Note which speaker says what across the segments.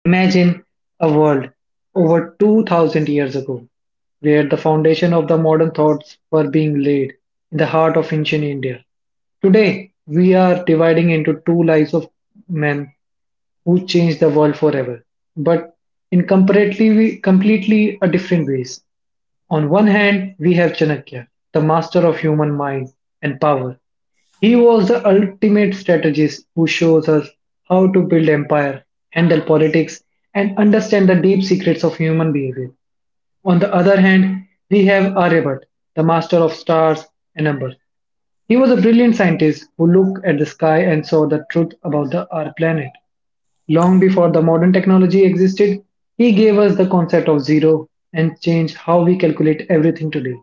Speaker 1: Imagine a world over 2000 years ago where the foundation of the modern thoughts were being laid in the heart of ancient India. Today, we are dividing into two lives of men who changed the world forever, but in completely a different ways. On one hand we have Chanakya, the master of human mind and power. He was the ultimate strategist who shows us how to build empire, handle politics, and understand the deep secrets of human behavior. On the other hand, we have Aryabhatta, the master of stars and numbers. He was a brilliant scientist who looked at the sky and saw the truth about our planet. Long before the modern technology existed, he gave us the concept of zero and changed how we calculate everything today.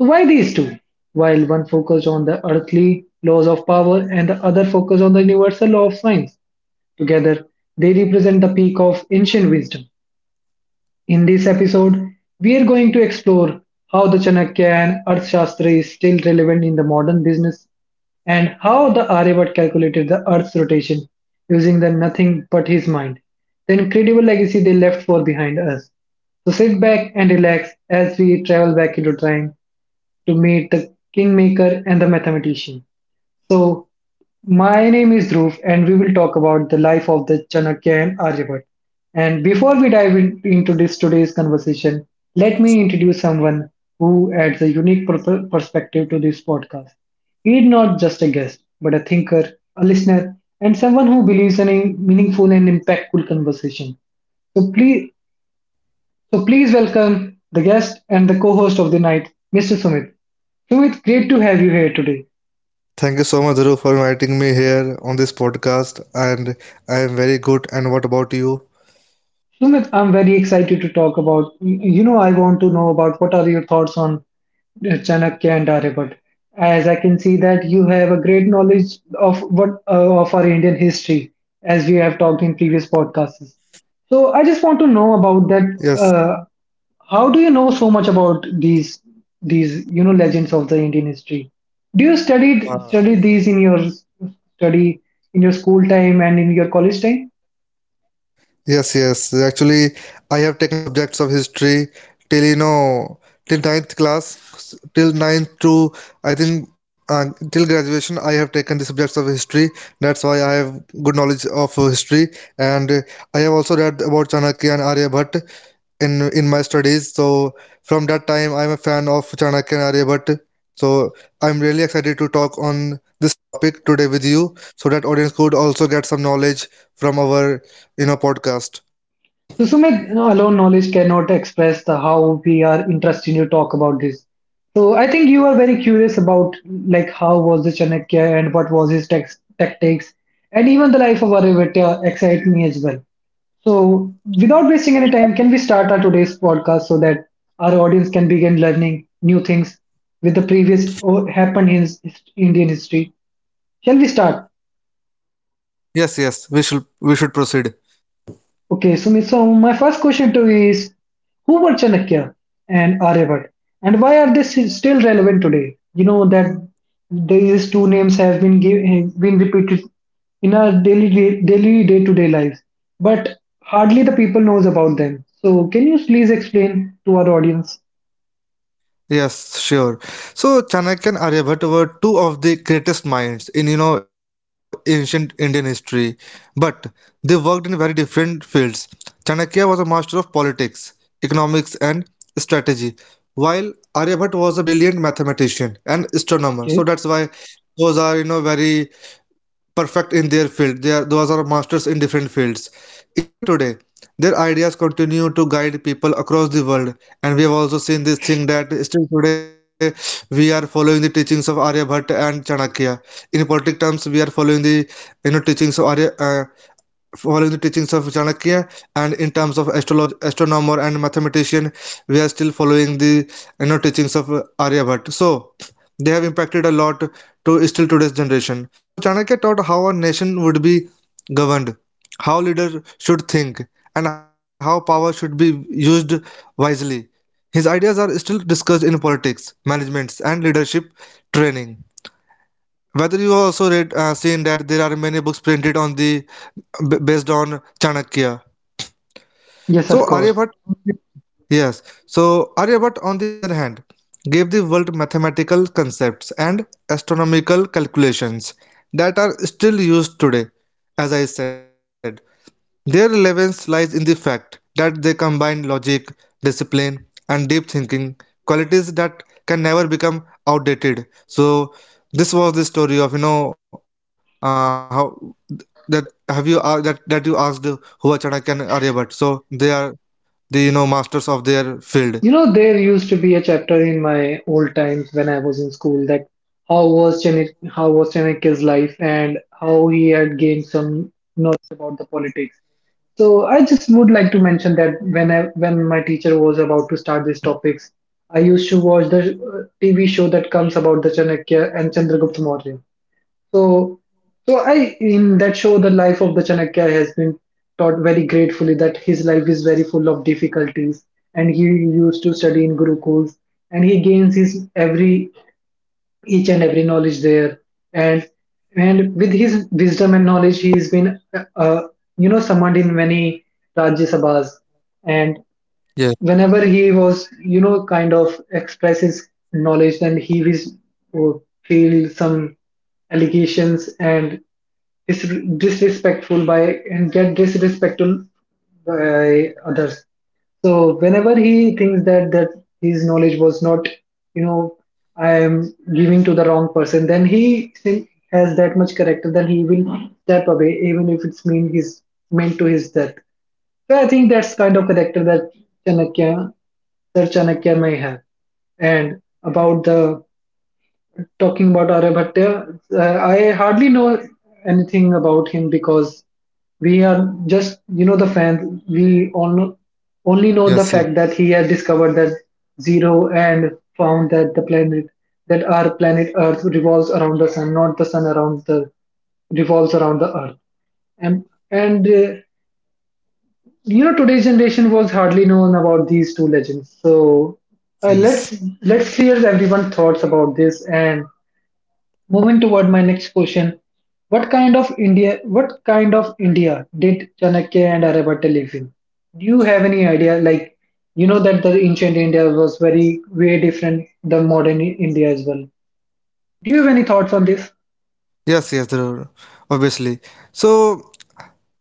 Speaker 1: So why these two? While one focused on the earthly laws of power and the other focused on the universal law of science, together they represent the peak of ancient wisdom. In this episode, we are going to explore how the Chanakya and Arthashastra is still relevant in the modern business and how the Aryavat calculated the Earth's rotation using the nothing but his mind, the incredible legacy they left for behind us. So sit back and relax as we travel back into time to meet the kingmaker and the mathematician. So, my name is Dhruv, and we will talk about the life of the Chanakya and Aryabhatta. And before we into this today's conversation, let me introduce someone who adds a unique perspective to this podcast. He is not just a guest, but a thinker, a listener, and someone who believes in a meaningful and impactful conversation. So please, so please welcome the guest and the co-host of the night, Mr. Sumit. Sumit, great to have you here today.
Speaker 2: Thank you so much, Dhruv, for inviting me here on this podcast. And I am very good. And what about you?
Speaker 1: Sumit, I'm very excited to talk about. You know, I want to know about what are your thoughts on Chanakya and Aryabhatta, as I can see that you have a great knowledge of what of our Indian history, as we have talked in previous podcasts. So I just want
Speaker 2: Yes.
Speaker 1: to know about that. Uh, how do you know so much about these you know legends of the Indian history?
Speaker 2: Uh,
Speaker 1: Do you studied study these in your s- study in your school time and in your college time?
Speaker 2: Yes, yes. Actually, I have taken the subjects of history till till ninth class, till ninth to I think till graduation. I have taken the subjects of history. That's why I have good knowledge of history, and I have also read about Chanakya and Aryabhatta in my studies. So from that time, I'm a fan of Chanakya and Aryabhatta. So I'm really excited to talk on this topic today with you, so that audience could also get some knowledge from our in a podcast.
Speaker 1: So, Sumit, you know, alone knowledge cannot express the how we are interested to talk about this. So, I think you are very curious about like how was the Chanakya and what was his tactics, and even the life of Aryabhatta excite me as well. So, without wasting any time, can we start our today's podcast so that our audience can begin learning new things with the previous or happened in Indian history? Shall we start?
Speaker 2: Yes, yes, we should proceed.
Speaker 1: Okay, Sumit, so my first question to you is who were Chanakya and Aryabhat and why are they still relevant today? You know that these two names have been given, been repeated in our daily day-to-day lives, but hardly the people knows about them. So can you please explain to our audience?
Speaker 2: Yes, sure. So Chanakya and Aryabhatta were two of the greatest minds in ancient Indian history, but they worked in very different fields. Chanakya was a master of politics, economics, and strategy, while Aryabhatta was a brilliant mathematician and astronomer. So
Speaker 1: Okay.
Speaker 2: that's why those are very perfect in their field. They are, those are masters in different fields. Even today, their ideas continue to guide people across the world. And we have also seen this thing that still today we are following the teachings of Aryabhatta and Chanakya. In politic terms, we are following the teachings of Arya. Following the teachings of Chanakya, and in terms of astrolog astronomer and mathematician, we are still following the teachings of Aryabhatta. So they have impacted a lot to still today's generation. So Chanakya taught how a nation would be governed, how leaders should think, and how power should be used wisely. His ideas are still discussed in politics, management, and leadership training. Whether you also read seen that there are many books printed on the based on Chanakya.
Speaker 1: Yes,
Speaker 2: So
Speaker 1: of course.
Speaker 2: Aryabhatta, yes. So Aryabhatta, on the other hand, gave the world mathematical concepts and astronomical calculations that are still used today, as I said. Their relevance lies in the fact that they combine logic, discipline, and deep thinking, qualities that can never become outdated. So this was the story of you know how that have you that that you asked who are Chanakya and Aryabhatta. So they are the masters of their field.
Speaker 1: You know, there used to be a chapter in my old times when I was in school that how was Chennai, how was Chanakya's life and how he had gained some knowledge about the politics. So I just would like to mention that when my teacher was about to start these topics, I used to watch the TV show that comes about the Chanakya and Chandragupta Maurya. So, so I in that show, the life of the Chanakya has been taught very gratefully that his life is very full of difficulties, and he used to study in Gurukuls, and he gains his every each and every knowledge there, and and with his wisdom and knowledge, he has been you know summoned in many Rajya Sabhas, and
Speaker 2: Yes,
Speaker 1: whenever he was you know kind of express his knowledge, then he was would feel some allegations and disrespectful by and get disrespectful by others. So whenever he thinks that his knowledge was not, you know, I am giving to the wrong person, then he think has that much character. Then he will step away, even if it's mean his meant to his death. So I think that's kind of character that Chanakya, Sir Chanakya may have. And about the talking about Aryabhatta, I hardly know anything about him because we are just, you know, the fans. We on, only know
Speaker 2: yes,
Speaker 1: the
Speaker 2: yes,
Speaker 1: fact that he has discovered that zero and found that the planet, that our planet Earth revolves around the sun, not the sun around the revolves around the Earth. And and you know, today's generation was hardly known about these two legends. So uh,
Speaker 2: yes,
Speaker 1: let's let's clear everyone's thoughts about this and moving toward my next question, what kind of India did Chanakya and Aryabhatta live in? Do you have any idea? Like, you know that the ancient India was very way different than India as well. Do you have any thoughts on this?
Speaker 2: yes. Dhruv, obviously, so.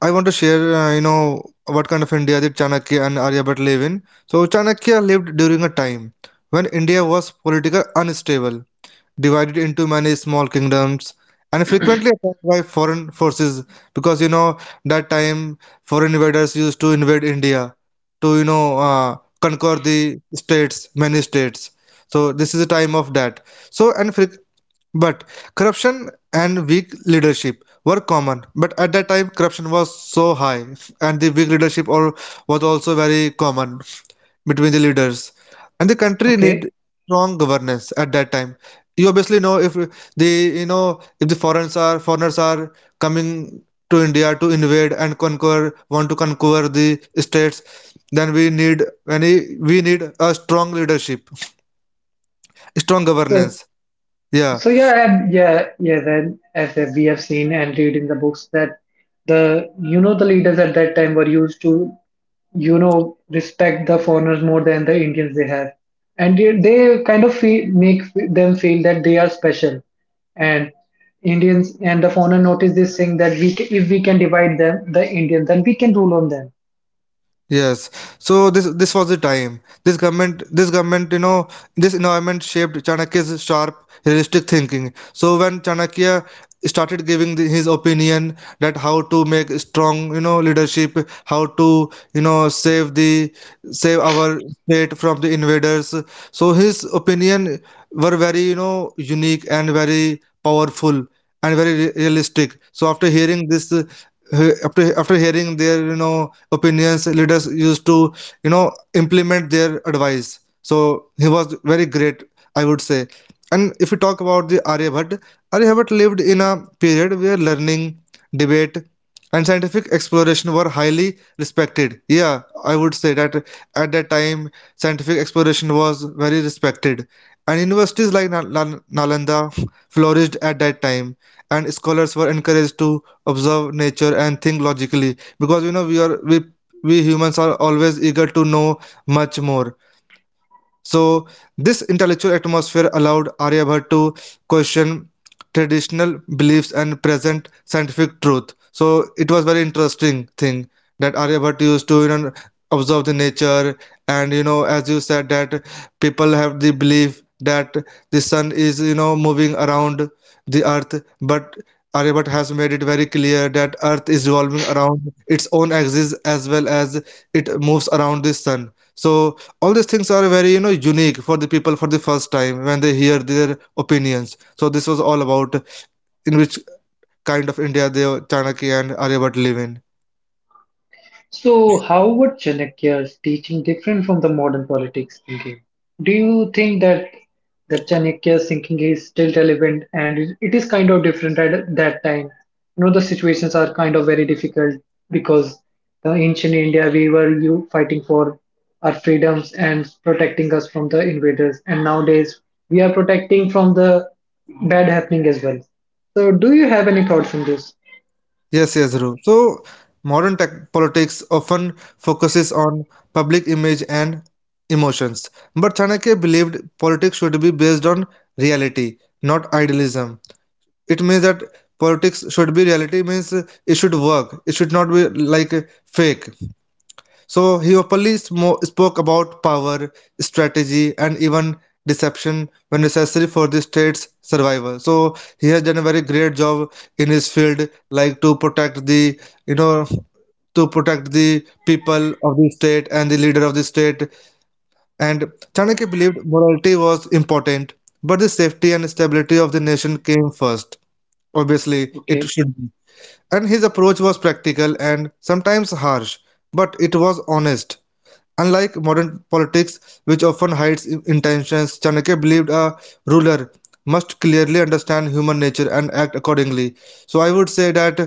Speaker 2: I want to share, you know, what kind of India did Chanakya and Aryabhatta live in. So, Chanakya lived during a time when India was politically unstable, divided into many small kingdoms, and frequently attacked by foreign forces because, you know, that time foreign invaders used to invade India to, you know, conquer the states, many states. So, this is a time of that. So, and fre but corruption and weak leadership were common. But at that time, corruption was so high, and the weak leadership or was also very common between the leaders. And the country need
Speaker 1: Okay,
Speaker 2: strong governance at that time. You obviously know if the you know if the foreigners are coming to India to invade and conquer, want to conquer the states, then we need a strong leadership, strong
Speaker 1: so
Speaker 2: governance. Yeah.
Speaker 1: so yeah, and yeah, yeah. Then as we have seen and read in the books that the you know the leaders at that time were used to you know respect the foreigners more than the Indians they have, and they kind of feel, make them feel that they are special, and Indians and the foreigner notice this thing that if we can divide them the Indians then we can rule on them.
Speaker 2: Yes. So this was the time. This government, you know, this environment shaped Chanakya's sharp, realistic thinking. So when Chanakya started giving the, his opinion that how to make strong, you know, leadership, how to, you know, save our state from the invaders. So his opinion were very, you know, unique and very powerful and very realistic. So after hearing this, after hearing their opinions, leaders used to you know implement their advice. So he was very great, I would say. And if we talk about the Aryabhatta, Aryabhatta lived in a period where learning, debate, and scientific exploration were highly respected. Yeah, I would say that at that time scientific exploration was very respected and universities like Nalanda flourished at that time, and scholars were encouraged to observe nature and think logically because you know we humans are always eager to know much more. So, this intellectual atmosphere allowed Aryabhatta to question traditional beliefs and present scientific truth. So, it was very interesting thing that Aryabhatta used to observe the nature, and you know as you said that people have the belief that the sun is moving around the earth, but Aryabhatta has made it very clear that earth is revolving around its own axis as well as it moves around the sun. So all these things are very unique for the people for the first time when they hear their opinions. So this was all about in which kind of India they, Chanakya and Aryabhat, live in.
Speaker 1: So, how would Chanakya's teaching different from the modern politics thinking? Do you think that the Chanakya's thinking is still relevant and it is kind of different at that time? You know, the situations are kind of very difficult because the ancient India we were you fighting for our freedoms and protecting us from the invaders, and nowadays we are protecting from the bad happening as well. So, do you have any thoughts on this?
Speaker 2: Yes, yes, Dhruv. So modern tech politics often focuses on public image and emotions, but Chanakya believed politics should be based on reality, not idealism. It means that politics should be reality, means it should work, it should not be like fake. So he openly spoke about power, strategy, and even deception when necessary for the state's survival. So he has done a very great job in his field, like to protect the you know to protect the people of the state and the leader of the state. And Chanakya believed morality was important, but the safety and stability of the nation came first. Obviously, it
Speaker 1: Okay.
Speaker 2: should be. And his approach was practical and sometimes harsh, but it was honest. Unlike modern politics, which often hides intentions, Chanakya believed a ruler must clearly understand human nature and act accordingly. So I would say that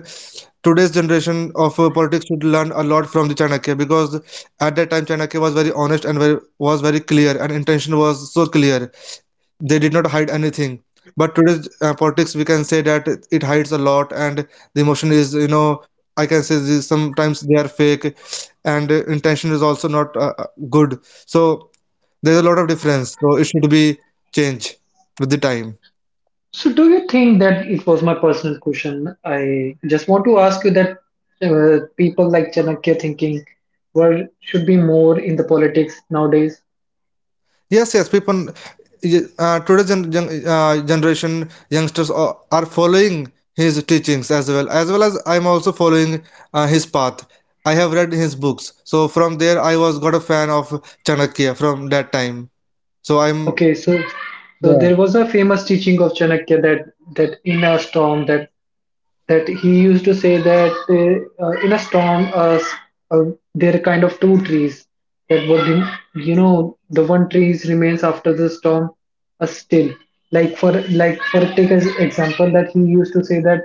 Speaker 2: today's generation of politics should learn a lot from the Chanakya because at that time Chanakya was very honest and very, was very clear and intention was so clear, they did not hide anything. But today's politics, we can say that it hides a lot, and the emotion is you know, I can say this, sometimes they are fake, and intention is also not good. So there's a lot of difference, so it should be changed with the time.
Speaker 1: So, do you think that it was my personal question? I just want to ask you that people like Chanakya thinking were should be more in the politics nowadays.
Speaker 2: Yes, yes, people, today generation youngsters are following his teachings as well, as well as I'm also following his path. I have read his books, so from there I was got a fan of Chanakya from that time. So I'm,
Speaker 1: Okay, so so
Speaker 2: yeah,
Speaker 1: there was a famous teaching of Chanakya that that in a storm that that he used to say that in a storm uh, there are kind of two trees that would you know the one tree is remains after the storm still like for take as example that he used to say that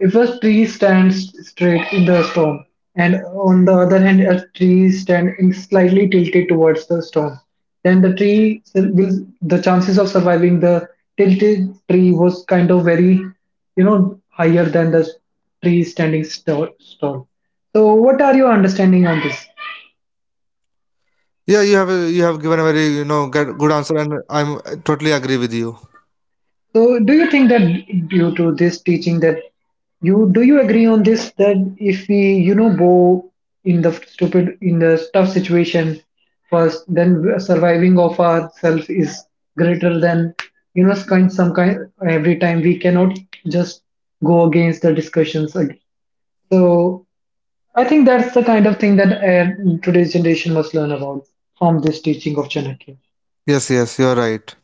Speaker 1: if a tree stands straight in the storm and on the other hand a tree stand in slightly tilted towards the storm then the tree will the chances of surviving the tilted tree was kind of very you know higher than the tree standing tall. So what are your understanding on this?
Speaker 2: you have given a very you know good answer, and I'm totally agree with you.
Speaker 1: So, do you think that due to this teaching that you do you agree on this that if we you know go in the stupid in the tough situation first, then surviving of ourselves is greater than you know kind some kind every time we cannot just go against the discussions. Again. So, I think that's the kind of thing that today's generation must learn about from this teaching of Chanakya.
Speaker 2: Yes, yes, you're right.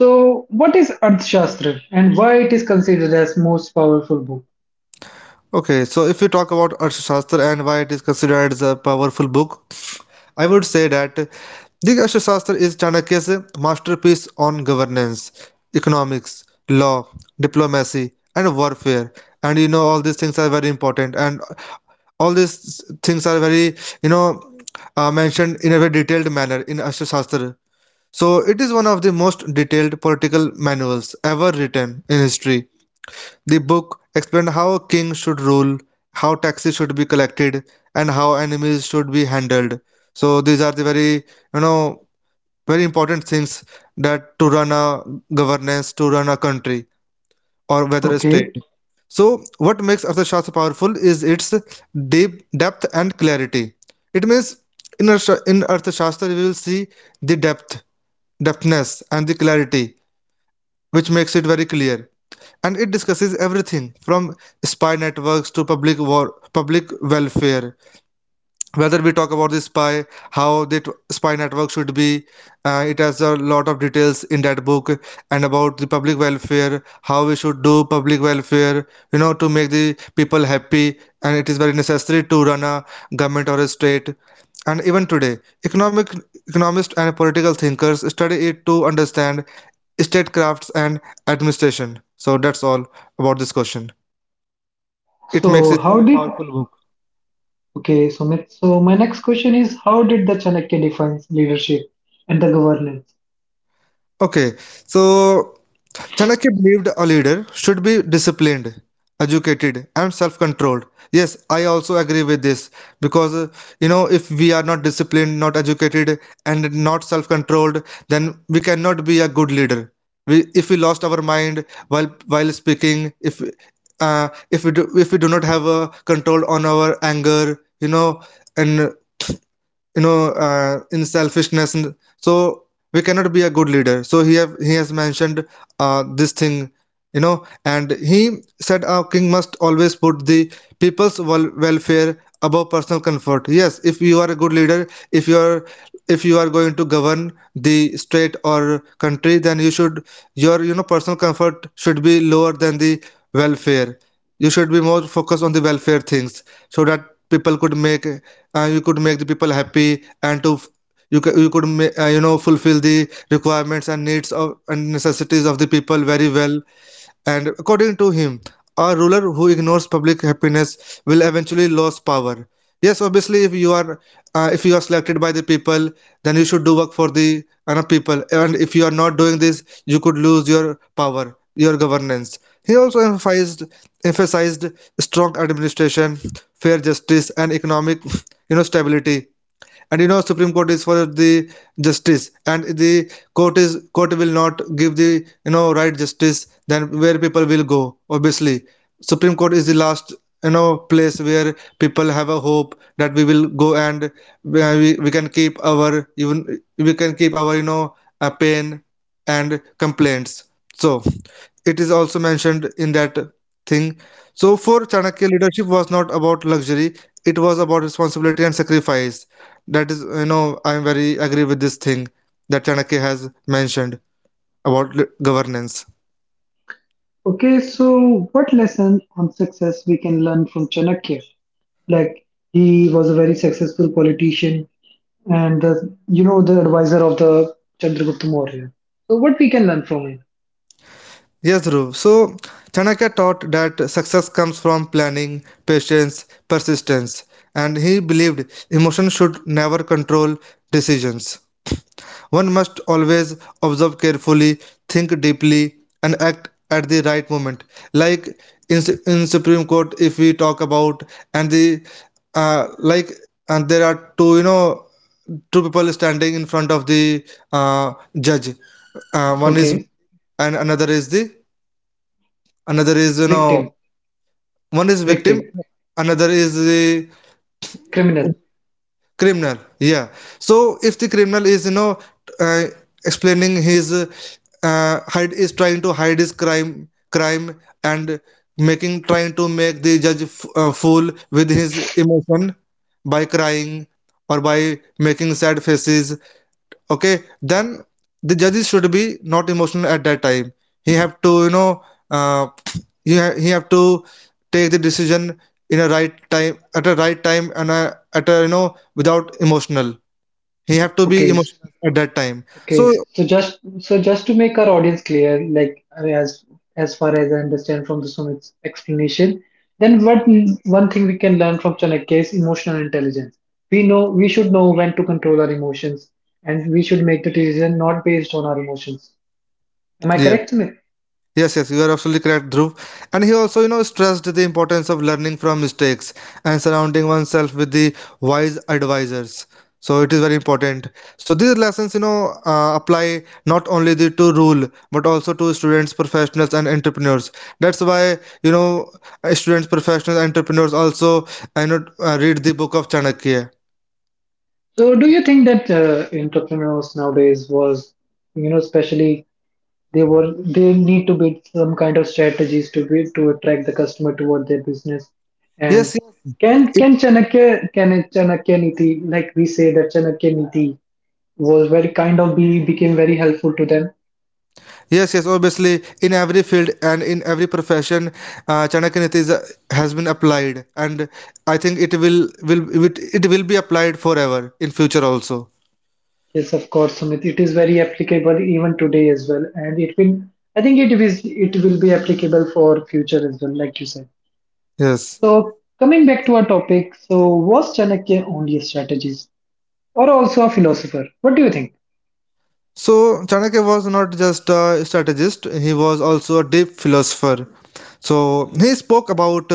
Speaker 1: So, what is Arthashastra and why it is considered as most powerful book?
Speaker 2: Okay, so if we talk about Arthashastra and why it is considered as a powerful book, I would say that the Arthashastra is Chanakya's masterpiece on governance, economics, law, diplomacy, and warfare. And you know, all these things are very important, and all these things are very, you know, mentioned in a very detailed manner in Arthashastra. So, it is one of the most detailed political manuals ever written in history. The book explained how a king should rule, how taxes should be collected, and how enemies should be handled. So these are the very, you know, very important things that to run a governance, to run a country, or whether a state.
Speaker 1: Okay.
Speaker 2: So, what makes Arthashastra powerful is its deep depth and clarity. It means in Arthashastra we will see the depth, depthness, and the clarity, which makes it very clear, and it discusses everything from spy networks to public welfare. Whether we talk about the spy, how the spy network should be, it has a lot of details in that book, and about the public welfare, how we should do public welfare you know to make the people happy, and it is very necessary to run a government or a state. And even today economic economists and political thinkers study it to understand statecrafts and administration. So that's all about this question, it makes
Speaker 1: So,
Speaker 2: it
Speaker 1: how
Speaker 2: a
Speaker 1: did
Speaker 2: powerful book.
Speaker 1: okay, So, my next question is how did the Chanakya defines leadership and the governance?
Speaker 2: Okay, so Chanakya believed a leader should be disciplined, educated, and self controlled. Yes, I also agree with this because you know, if we are not disciplined, not educated, and not self controlled, then we cannot be a good leader. We, if we lost our mind while speaking, if we do not have a control on our anger, you know, and in selfishness and so we cannot be a good leader, so he has mentioned this thing, you know. And he said our king must always put the people's welfare above personal comfort. Yes, if you are a good leader, if you are going to govern the state or country, then you know personal comfort should be lower than the welfare. You should be more focused on the welfare things, so that people could make you could make the people happy, and to f- you, ca- you could ma- you know, fulfill the requirements and needs of and necessities of the people very well. And according to him, a ruler who ignores public happiness will eventually lose power. Yes, obviously, if you are selected by the people, then you should do work for the people. And if you are not doing this, you could lose your power, your governance. He also emphasized strong administration, fair justice, and economic, you know, stability. And you know, supreme court is for the justice, and the court is court will not give the, you know, right justice, then where people will go? Obviously, supreme court is the last, you know, place where people have a hope that we will go and where we can keep our even we can keep our, you know, pain and complaints. So it is also mentioned in that thing. So for Chanakya, leadership was not about luxury, it was about responsibility and sacrifice. That is, you know, I'm very agree with this thing that Chanakya has mentioned about governance.
Speaker 1: Okay. So, what lesson on success we can learn from Chanakya? Like he was a very successful politician and the, you know the advisor of the Chandragupta Maurya. So, what we can learn from him?
Speaker 2: Yes, Dhruv. So, Chanakya taught that success comes from planning, patience, persistence, and he believed emotion should never control decisions. One must always observe carefully, think deeply, and act at the right moment. Like in Supreme Court, if we talk about, and the like, and there are two, you know, two people standing in front of the uh, judge. One is,
Speaker 1: Okay.
Speaker 2: and another is the another is, you know,
Speaker 1: Victim,
Speaker 2: one is victim,
Speaker 1: victim,
Speaker 2: another is the
Speaker 1: criminal.
Speaker 2: criminal, yeah. So if the criminal is, you know, uh, explaining his hide is trying to hide his crime, and making trying to make the judge fool with his emotion, by crying or by making sad faces, okay, then the judges should be not emotional at that time. He have to, you know, uh, he have to take the decision in a right time at a right time and at a, you know, without emotional, he have to be
Speaker 1: Okay.
Speaker 2: emotional at that time.
Speaker 1: Okay,
Speaker 2: So
Speaker 1: so just so just to make our audience clear, like I mean, as far as I understand from the Sumit's explanation, then what one thing we can learn from Chanakya is emotional intelligence. We know we should know when to control our emotions, and we should make the decision not based on our emotions. Am I
Speaker 2: yes.
Speaker 1: correct, Sumit?
Speaker 2: Yes, yes, you are absolutely correct, Dhruv. And he also, you know, stressed the importance of learning from mistakes and surrounding oneself with the wise advisors. So it is very important. So these lessons, you know, apply not only to rule but also to students, professionals, and entrepreneurs. That's why, you know, students, professionals, entrepreneurs also, I know, read the book of Chanakya.
Speaker 1: So, do you think that entrepreneurs nowadays was, you know, especially they were they need to be some kind of strategies to be to attract the customer toward their business. And
Speaker 2: Yes, yes.
Speaker 1: can a Chanakya Niti like we say that Chanakya Niti was very kind of be became very helpful to them.
Speaker 2: Yes, yes, obviously, in every field and in every profession, Chanakya Niti is, has been applied, and I think it, will be applied forever in future also.
Speaker 1: Yes, of course, Sumit. It is very applicable even today as well, and it will. I think it is it will be applicable for future as well, like you said.
Speaker 2: Yes.
Speaker 1: So coming back to our topic, so was Chanakya only a strategist or also a philosopher? What do you think?
Speaker 2: So, Chanakya was not just a strategist, he was also a deep philosopher. So, he spoke about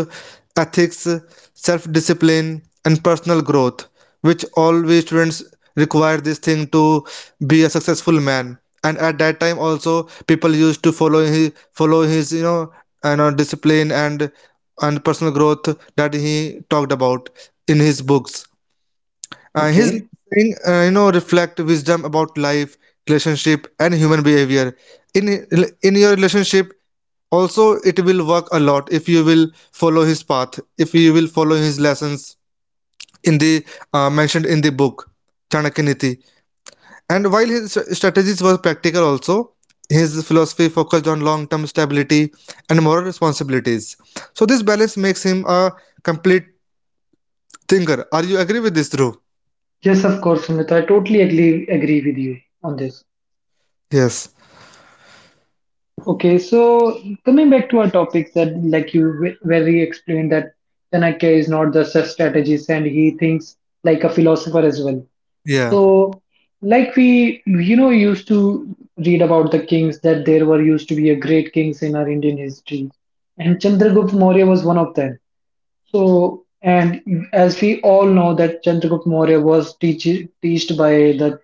Speaker 2: ethics, self discipline, and personal growth, which all we students require this thing to be a successful man. And at that time, also people used to follow his, you know, and know discipline and personal growth that he talked about in his books. His
Speaker 1: Okay.
Speaker 2: saying, you know, reflect wisdom about life, relationship, and human behavior. In in your relationship, also it will work a lot if you will follow his path, if you will follow his lessons in the mentioned in the book Chanakya Niti. And while his strategies were practical, also his philosophy focused on long-term stability and moral responsibilities. So this balance makes him a complete thinker. Are you agree with this, Dhruv?
Speaker 1: Yes, of course, Sumit. I totally agree with you on this.
Speaker 2: Yes.
Speaker 1: Okay, so coming back to our topics that like you very explained that Chanakya is not just a strategist and he thinks like a philosopher as well.
Speaker 2: Yeah.
Speaker 1: So like we you know used to read about the kings that there were used to be a great kings in our Indian history and Chandragupta Maurya was one of them. So and as we all know that Chandragupta Maurya was teached by the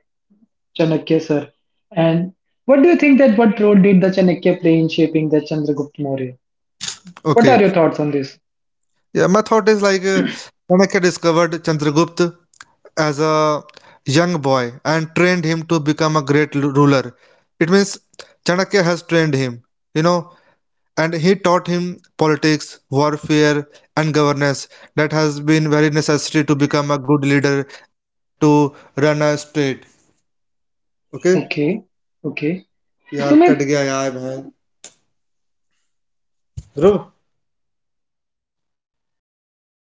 Speaker 1: Chanakya, sir. And what do you think that what role did the Chanakya play in shaping the Chandragupta Maurya? What are
Speaker 2: Okay.
Speaker 1: your thoughts on this?
Speaker 2: Yeah, my thought is like Chanakya discovered Chandragupta as a young boy and trained him to become a great ruler. It means Chanakya has trained him, you know, and he taught him politics, warfare, and governance that has been very necessary to become.
Speaker 1: Okay, okay. So, Sumit,